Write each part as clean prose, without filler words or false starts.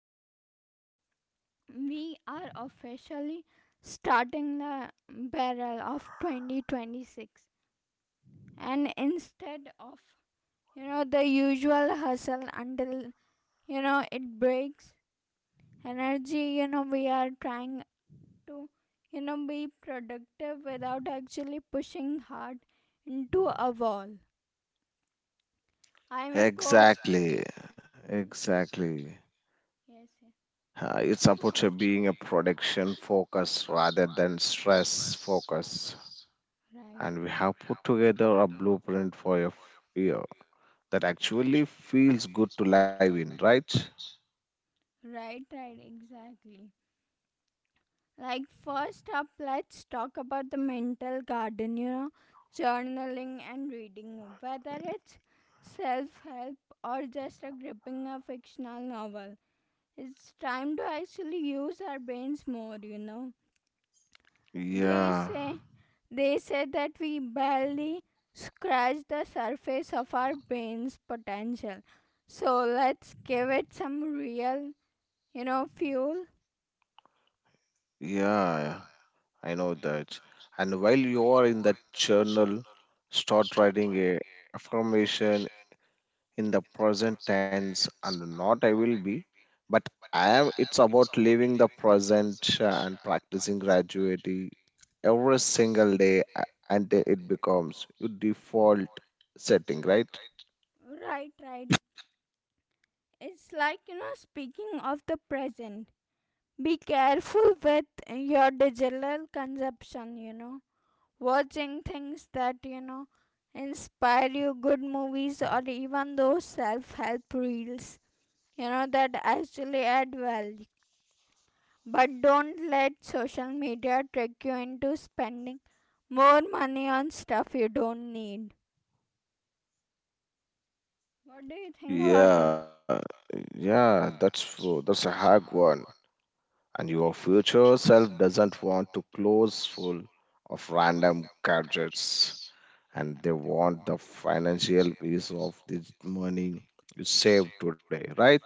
the show. We are officially starting the barrel of 2026, and instead of the usual hustle until it breaks energy, we are trying to be productive without actually pushing hard into a wall. I'm your coach. Exactly, exactly. Yes, yes. It's about being a production focus rather than stress focus. Right, And we have put together a blueprint for your year that actually feels good to live in, right? right, right, exactly. Like, first up, let's talk about the mental garden, journaling and reading. Whether it's self help or just a gripping a fictional novel, it's time to actually use our brains more. They Yeah, say, they say that we barely scratch the surface of our brain's potential. So let's give it some real, fuel. yeah, I know that. And while you are in that journal, start writing a affirmation in the present tense and not I will be, but I am. It's about living the present and practicing gradually every single day until it becomes your default setting, right? Right, right. It's like, speaking of the present, be careful with your digital consumption, watching things that, inspire you, good movies, or even those self help reels, that actually add value. But don't let social media trick you into spending more money on stuff you don't need. What do you think about it? Yeah, yeah, that's a hard one. And your future self doesn't want to close full of random gadgets, and they want the financial piece of this money you save today, right?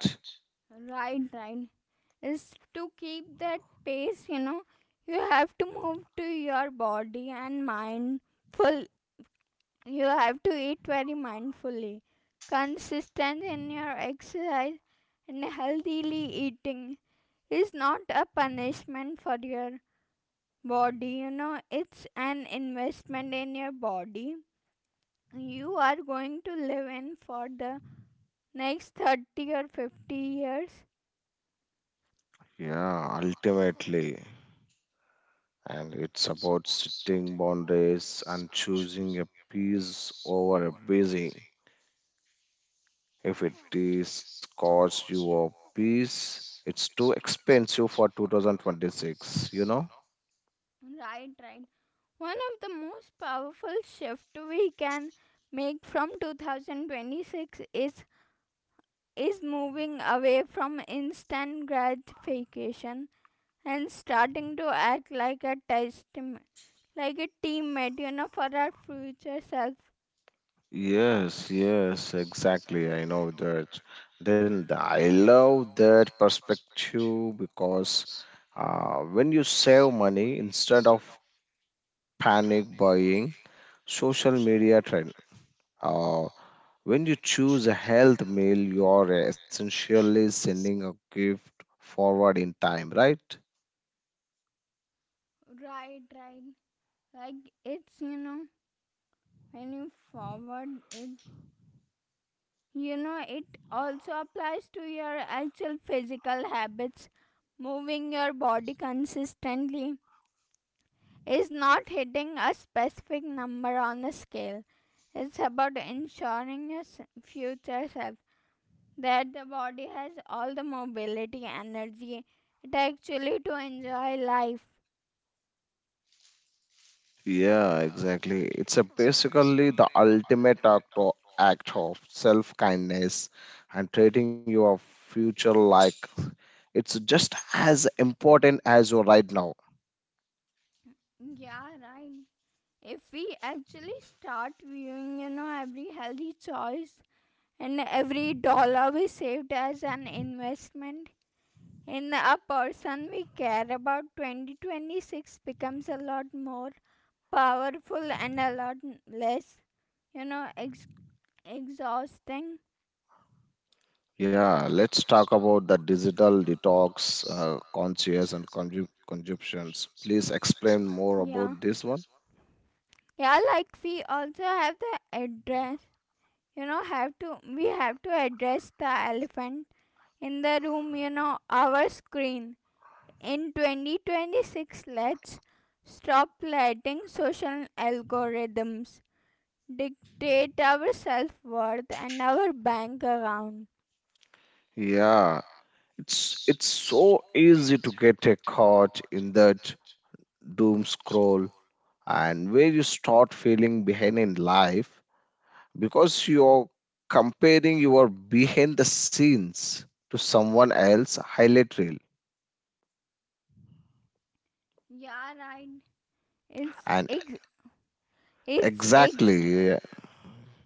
Right, right. Is to keep that pace, you have to move to your body and mindful. You have to eat very mindfully, consistent in your exercise, and healthily eating is not a punishment for your body, it's an investment in your body. You are going to live in for the next 30 or 50 years. Yeah, ultimately. And it's about setting boundaries and choosing a peace over a busy. If it is cost you a peace, it's too expensive for 2026, you know? Right, right. One of the most powerful shift we can make from 2026 is moving away from instant gratification and starting to act like a team, like a teammate, for our future self. Yes, yes, exactly. I know that. I love that perspective because when you save money instead of panic buying, social media trend. Uh, When you choose a health meal, you're essentially sending a gift forward in time, right? Right, right. Like it's when you forward it, it also applies to your actual physical habits. Moving your body consistently is not hitting a specific number on a scale, it's about ensuring your future self that the body has all the mobility energy it actually to enjoy life. Yeah, exactly. It's a basically the ultimate act of self-kindness and treating your future like it's just as important as your right now. Yeah, right. If we actually start viewing, every healthy choice and every dollar we saved as an investment in a person we care about, 2026 becomes a lot more powerful and a lot less, you know ex- exhausting. Yeah, let's talk about the digital detox, conscious and consumptions. Please explain more Yeah, about this one. yeah. Like we also have the address, have to we have to address the elephant in the room, our screen. In 2026, let's stop letting social algorithms dictate our self-worth and our bank account. Yeah, it's so easy to get caught in that doom scroll and where you start feeling behind in life because you're comparing your behind the scenes to someone else highlight reel Yeah, right. it's and ex- it's ex- exactly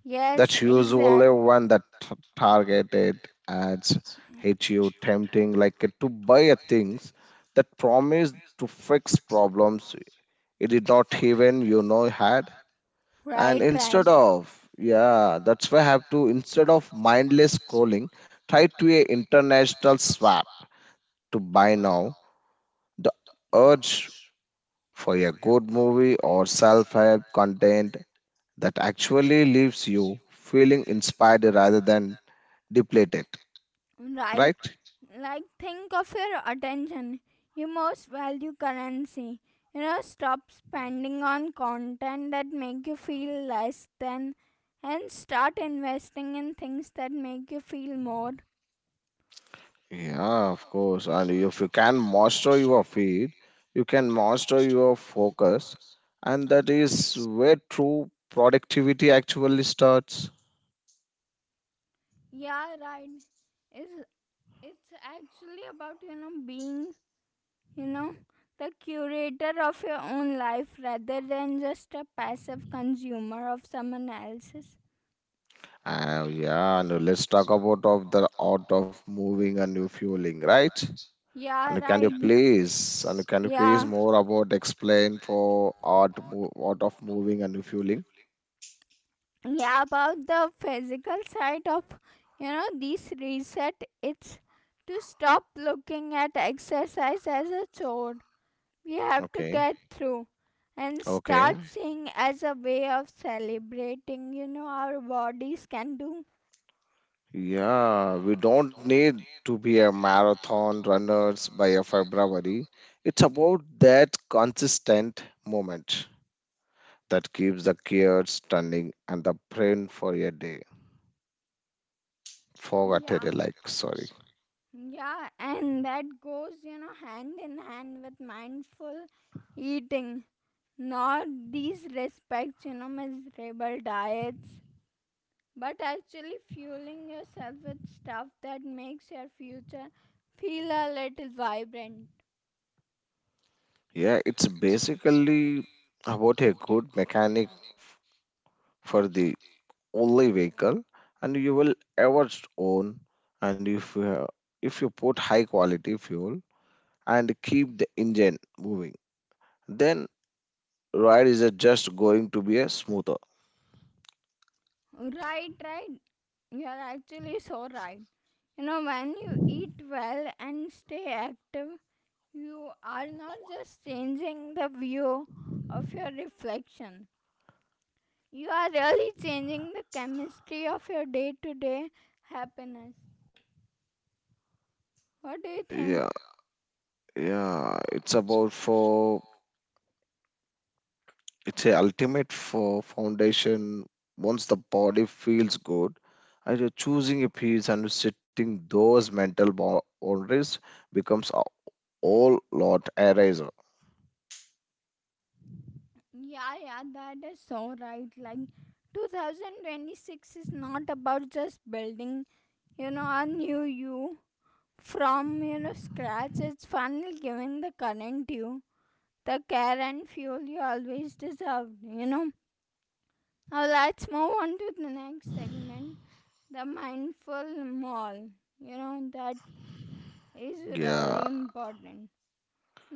yes, that's usually one that targeted ads exactly. hit you tempting like to buy a things that promise to fix problems it did not even you know had. Your And target ads, your, right, instead right. of yeah that's why I have to, instead of mindless scrolling, try to a international swap to buy now the urge for a good movie or self-help content that actually leaves you feeling inspired rather than depleted. Right. Right, Right? Like think of your attention, your most value currency. Stop spending on content that make you feel less than, and start investing in things that make you feel more. yeah, of course. And if you can master your feed you can master your focus, and that is where true productivity actually starts. Yeah, right. It's it's actually about, being, you know, the curator of your own life rather than just a passive consumer of someone else's. Yeah, and let's talk about of the art of moving and refueling, right? Yeah, And can you right. please and can you you Yeah. please camping is more about explain for art of moving and refueling? Yeah, about the physical side of, this reset. It's to stop looking at exercise as a chore. We have to Okay, get, okay, through, and start, okay, okay, seeing as a way of celebrating, our bodies can do. yeah. We don't need to be a marathon runners by a February. It's about that consistent moment that keeps the gears turning and the brain for a day. Forgot Yeah, it, like sorry. yeah. And that goes, hand in hand with mindful eating, not these respects, miserable diets, but actually fueling yourself with stuff that makes your future feel a little vibrant. Yeah, it's basically about a good mechanic for the only vehicle and you will ever own. And if you put high quality fuel and keep the engine moving, then ride is just going to be a smoother. Right, right. You're actually so right. When you eat well and stay active, you are not just changing the view of your reflection, you are really changing the chemistry of your day to day happiness. What do you think? Yeah, yeah, it's about for. It's a ultimate for foundation. Once the body feels good, and you're choosing a piece and setting those mental boundaries becomes a whole lot eraser. Yeah, yeah, that is so right. Like, 2026 is not about just building, a new you, from, scratch. It's fun giving the current you the care and fuel you always deserved. Now let's move on to the next segment, the mindful mall. That is Yeah, really important.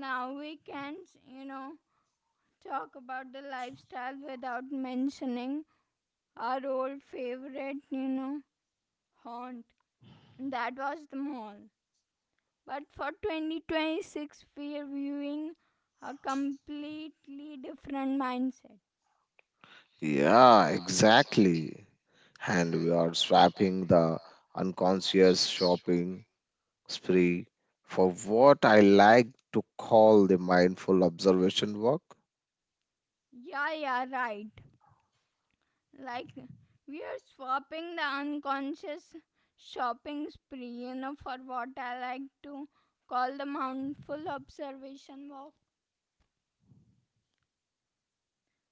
Now we can't, talk about the lifestyle without mentioning our old favorite, haunt. That was the mall. But for 2026, we're viewing a completely different mindset. yeah, exactly. And we are swapping the unconscious shopping spree for what I like to call the mindful observation work. Yeah, yeah, right. Like, we are swapping the unconscious shopping spree, for what I like to call the mindful observation walk.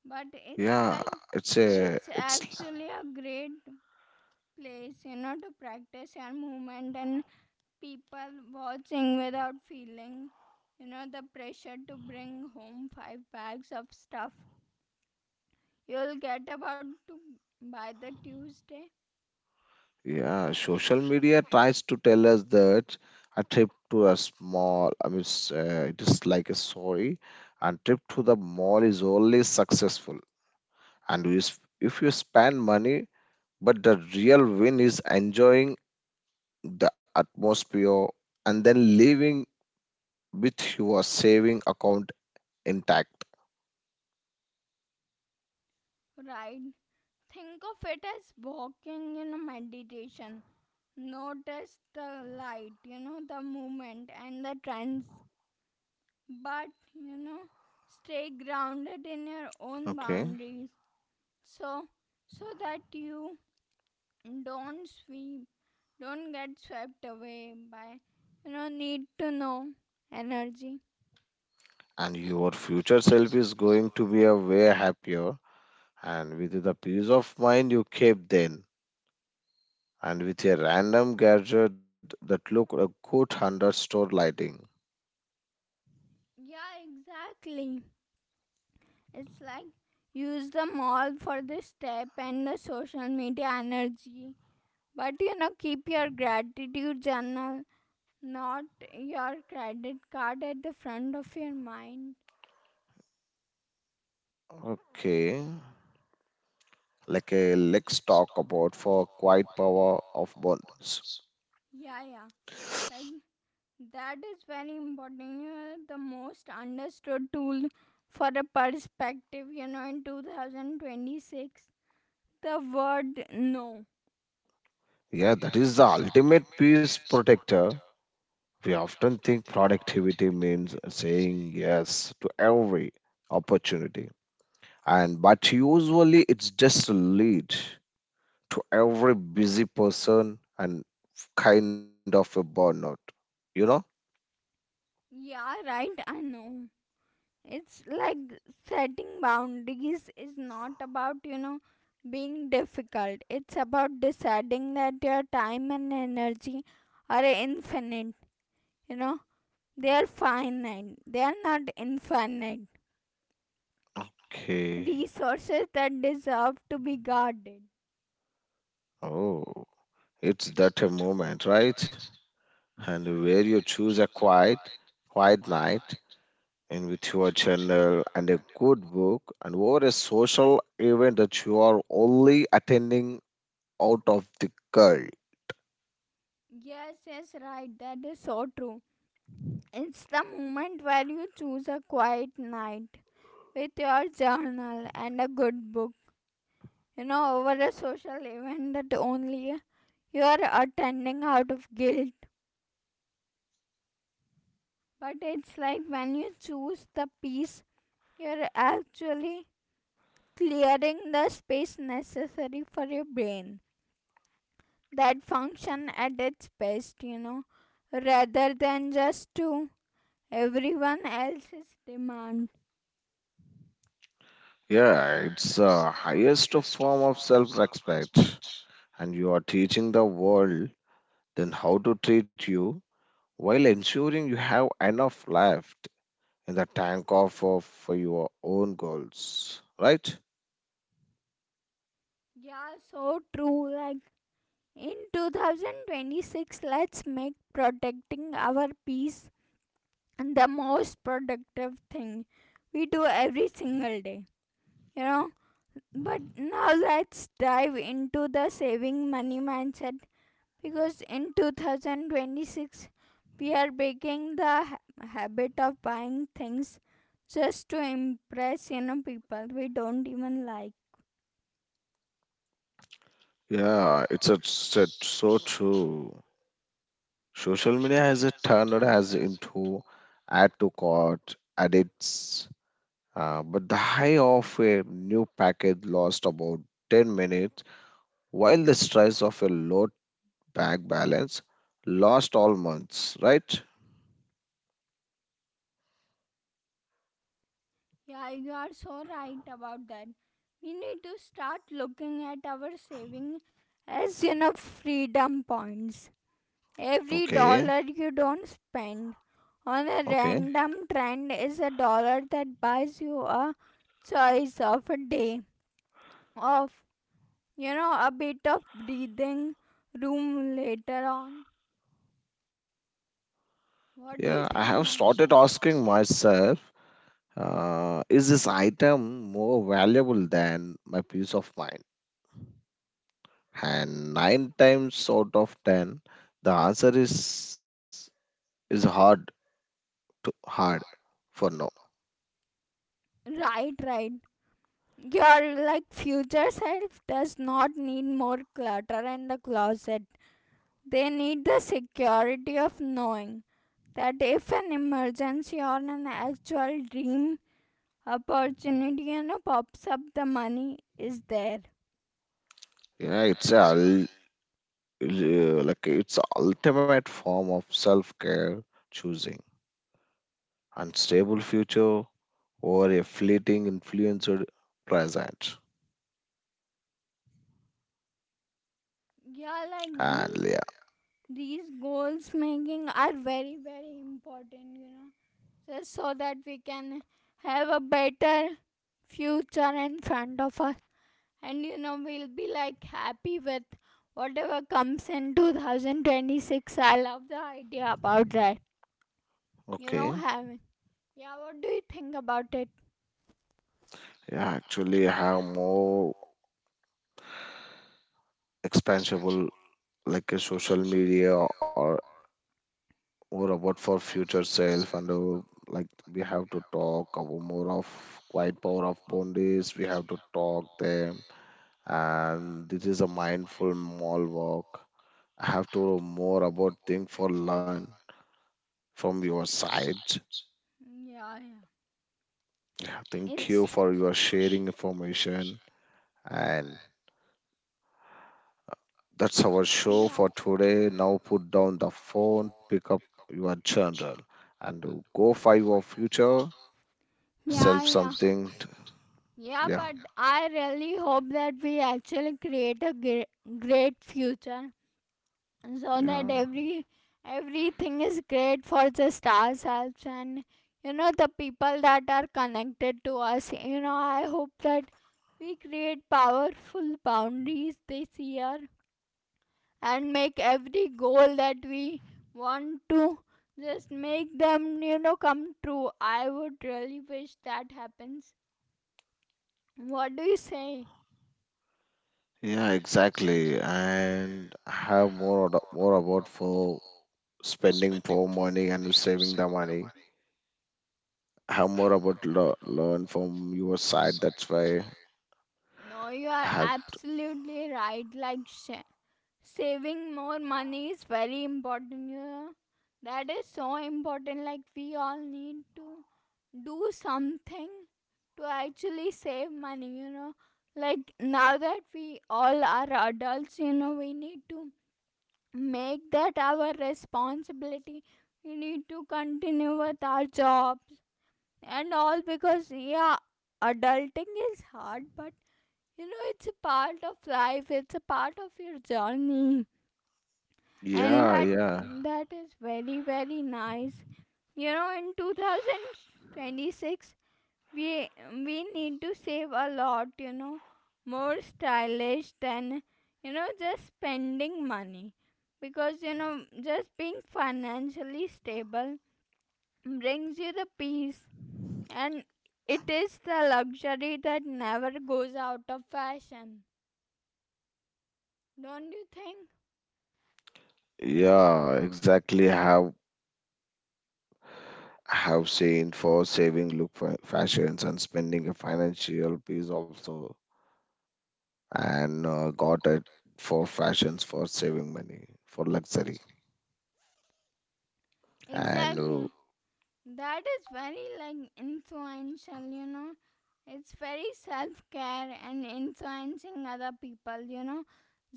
But it's Yeah, like, it's a it's it's actually a great place, to practice your movement and people watching without feeling, the pressure to bring home five bags of stuff you'll get about to by the Tuesday. Yeah, social media tries to tell us that a trip to a small, I mean, it is like a story and trip to the mall is always successful. And if you spend money, but the real win is enjoying the atmosphere and then leaving with your saving account intact. Ride, think of it as walking in a meditation. Notice the light, the movement and the trends, but, you know stay grounded in your own Okay, boundaries, so so that you don't sweep don't get swept away by, need to know energy. and your future self is going to be a way happier and with the peace of mind you keep then, and with a random gadget that look a good hundred store lighting. Yeah, exactly. It's like, use them all for the step and the social media energy, but, keep your gratitude journal, not your credit card at the front of your mind. Okay, like a let's talk about for quiet power of bonds. Yeah, yeah, like. That is very important. The most understood tool for a perspective, in 2026, the word no. Yeah, that is the ultimate peace protector. We often think productivity means saying yes to every opportunity, and but usually it's just a lead to every busy person and kind of a burnout. You know? Yeah, right, I know. It's like setting boundaries is not about, being difficult. It's about deciding that your time and energy are infinite, you know. They are finite, they are not infinite. Okay. Resources that deserve to be guarded. Oh. It's that a moment, right? And where you choose a quiet night and with your journal and a good book and over a social event that you are only attending out of the curl. Yes, yes, right. That is so true. It's the moment where you choose a quiet night with your journal and a good book, over a social event that only you are attending out of guilt. But it's like when you choose the peace, you're actually clearing the space necessary for your brain that function at its best, rather than just to everyone else's demand. Yeah, it's the highest form of self-respect. And you are teaching the world then how to treat you while ensuring you have enough left in the tank of for your own goals, right? Yeah, so true. Like in 2026, let's make protecting our peace the most productive thing we do every single day, you know. But now let's dive into the saving money mindset, because in 2026 we are breaking the habit of buying things just to impress, people we don't even like. Yeah, so true. Social media has a turned us into add to cart addicts, but the high of a new package lasts about 10 minutes, while the stress of a low bank balance lost all months, right? Yeah, you are so right about that. We need to start looking at our saving as, freedom points. Every Okay, dollar you don't spend on a okay. random trend is a dollar that buys you a choice of a day of, a bit of breathing room later on. What do Yeah, you I have think, started Max? asking myself, is this item more valuable than my peace of mind? And nine times out of ten the answer is hard to hard for no. Right, right. Your like future self does not need more clutter in the closet. They need the security of knowing that if an emergency or an actual dream opportunity, pops up, the money is there. You know, like it's ultimate form of self-care, choosing unstable future over a fleeting influenced present. Yeah, like these And yeah, these goals making are very very important, just so that we can have a better future in front of us. And, we'll be like happy with whatever comes in 2026. I love the idea about that, okay, having yeah. What do you think about it? yeah, actually I have more expansible like a social media or more about for future self and like we have to talk about more of quiet power of boundaries we have to talk them, and this is a mindful mall walk. I have to know more about think for learn from your side. Yeah, yeah, Yeah, thank it's you for your sharing information and that's our show yeah, for today. Now put down the phone, pick up your journal, and go find your future self yeah, yeah, something. yeah, Yeah, but yeah, I really hope that we actually create a great, great future, so that yeah. Everything is great for just ourselves and, the people that are connected to us. I hope that we create powerful boundaries this year, and make every goal that we want to just make them, come true. I would really wish that happens. What do you say? Yeah, exactly. And I have more about for spending for money and saving the money. I have more about learn from your side. That's why No, you I are have. absolutely right. Like saving more money is very important. Yeah, that is so important. Like we all need to do something to actually save money, like now that we all are adults, we need to make that our responsibility. We need to continue with our jobs and all, because, yeah, adulting is hard, but, it's a part of life, it's a part of your journey. And Yeah, that yeah, yeah, yeah, that is very very nice. In 2026, we need to save a lot, more stylish than, just spending money, because, just being financially stable brings you the peace. And it is the luxury that never goes out of fashion. Don't you think? yeah. Exactly. I have seen for saving look for fashions and spending a financial piece also, and got it for fashions for saving money for luxury and Exactly. That is very like influential. It's very self care and influencing other people,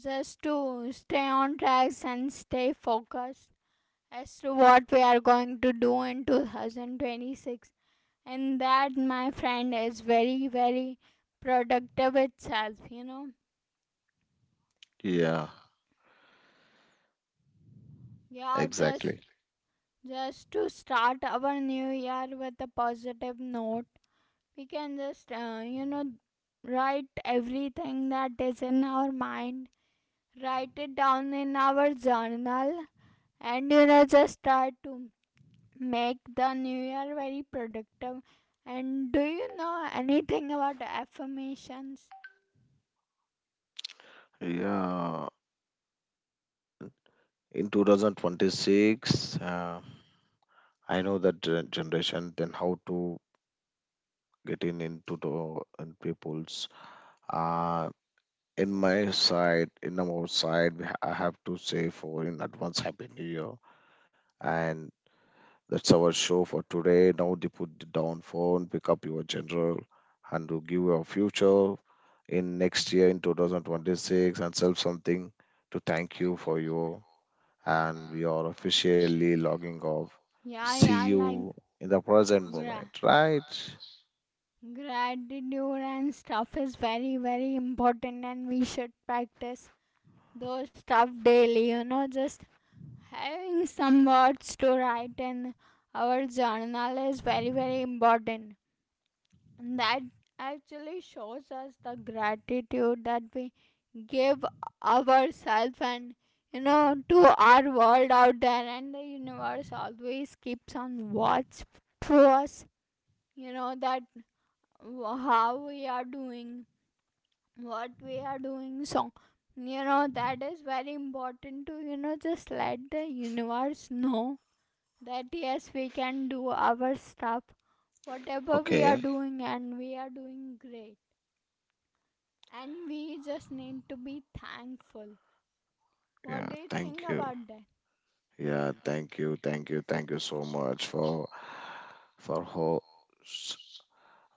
just to stay on tracks and stay focused as to what we are going to do in 2026. And that, my friend, is very, very productive itself. J- yeah, Yeah, just exactly. just to start our new year with a positive note, we can just write everything that is in our mind. Write it down in our journal, and, just try to make the new year very productive. And do you know anything about affirmations? Yeah, in 2026 I know that generation then how to get in into the in people's uh in my side in our side I have to say for in advance happy new year, and that's our show for today. Now they put the down phone, pick up your general, and to give your future in next year in 2026 and self something to thank you for your, and we are officially logging off. Yeah, See yeah, like. you in the present The moment, gra- right? gratitude and stuff is very very important, and we should practice those stuff daily, just having some words to write in our journal is very, very important. And that actually shows us the gratitude that we give ourselves, and, to our world out there. And the universe always keeps on watch for us, that how we are doing, what we are doing. So, that is very important to, just let the universe know that yes, we can do our stuff, whatever we are Okay. doing, and we are doing great. And we just need to be thankful. What Yeah, do you think thank you. about that? Yeah, thank you, thank you, thank you so much for host.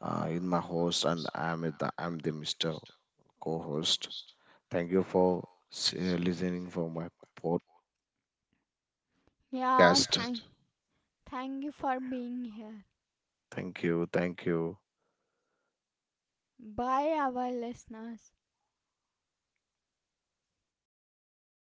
In my host, and I'm the Mr. Co-host. Thank you for listening for my pod- Yeah, podcast. Thank you for being here. Thank you, thank you. Bye, our listeners.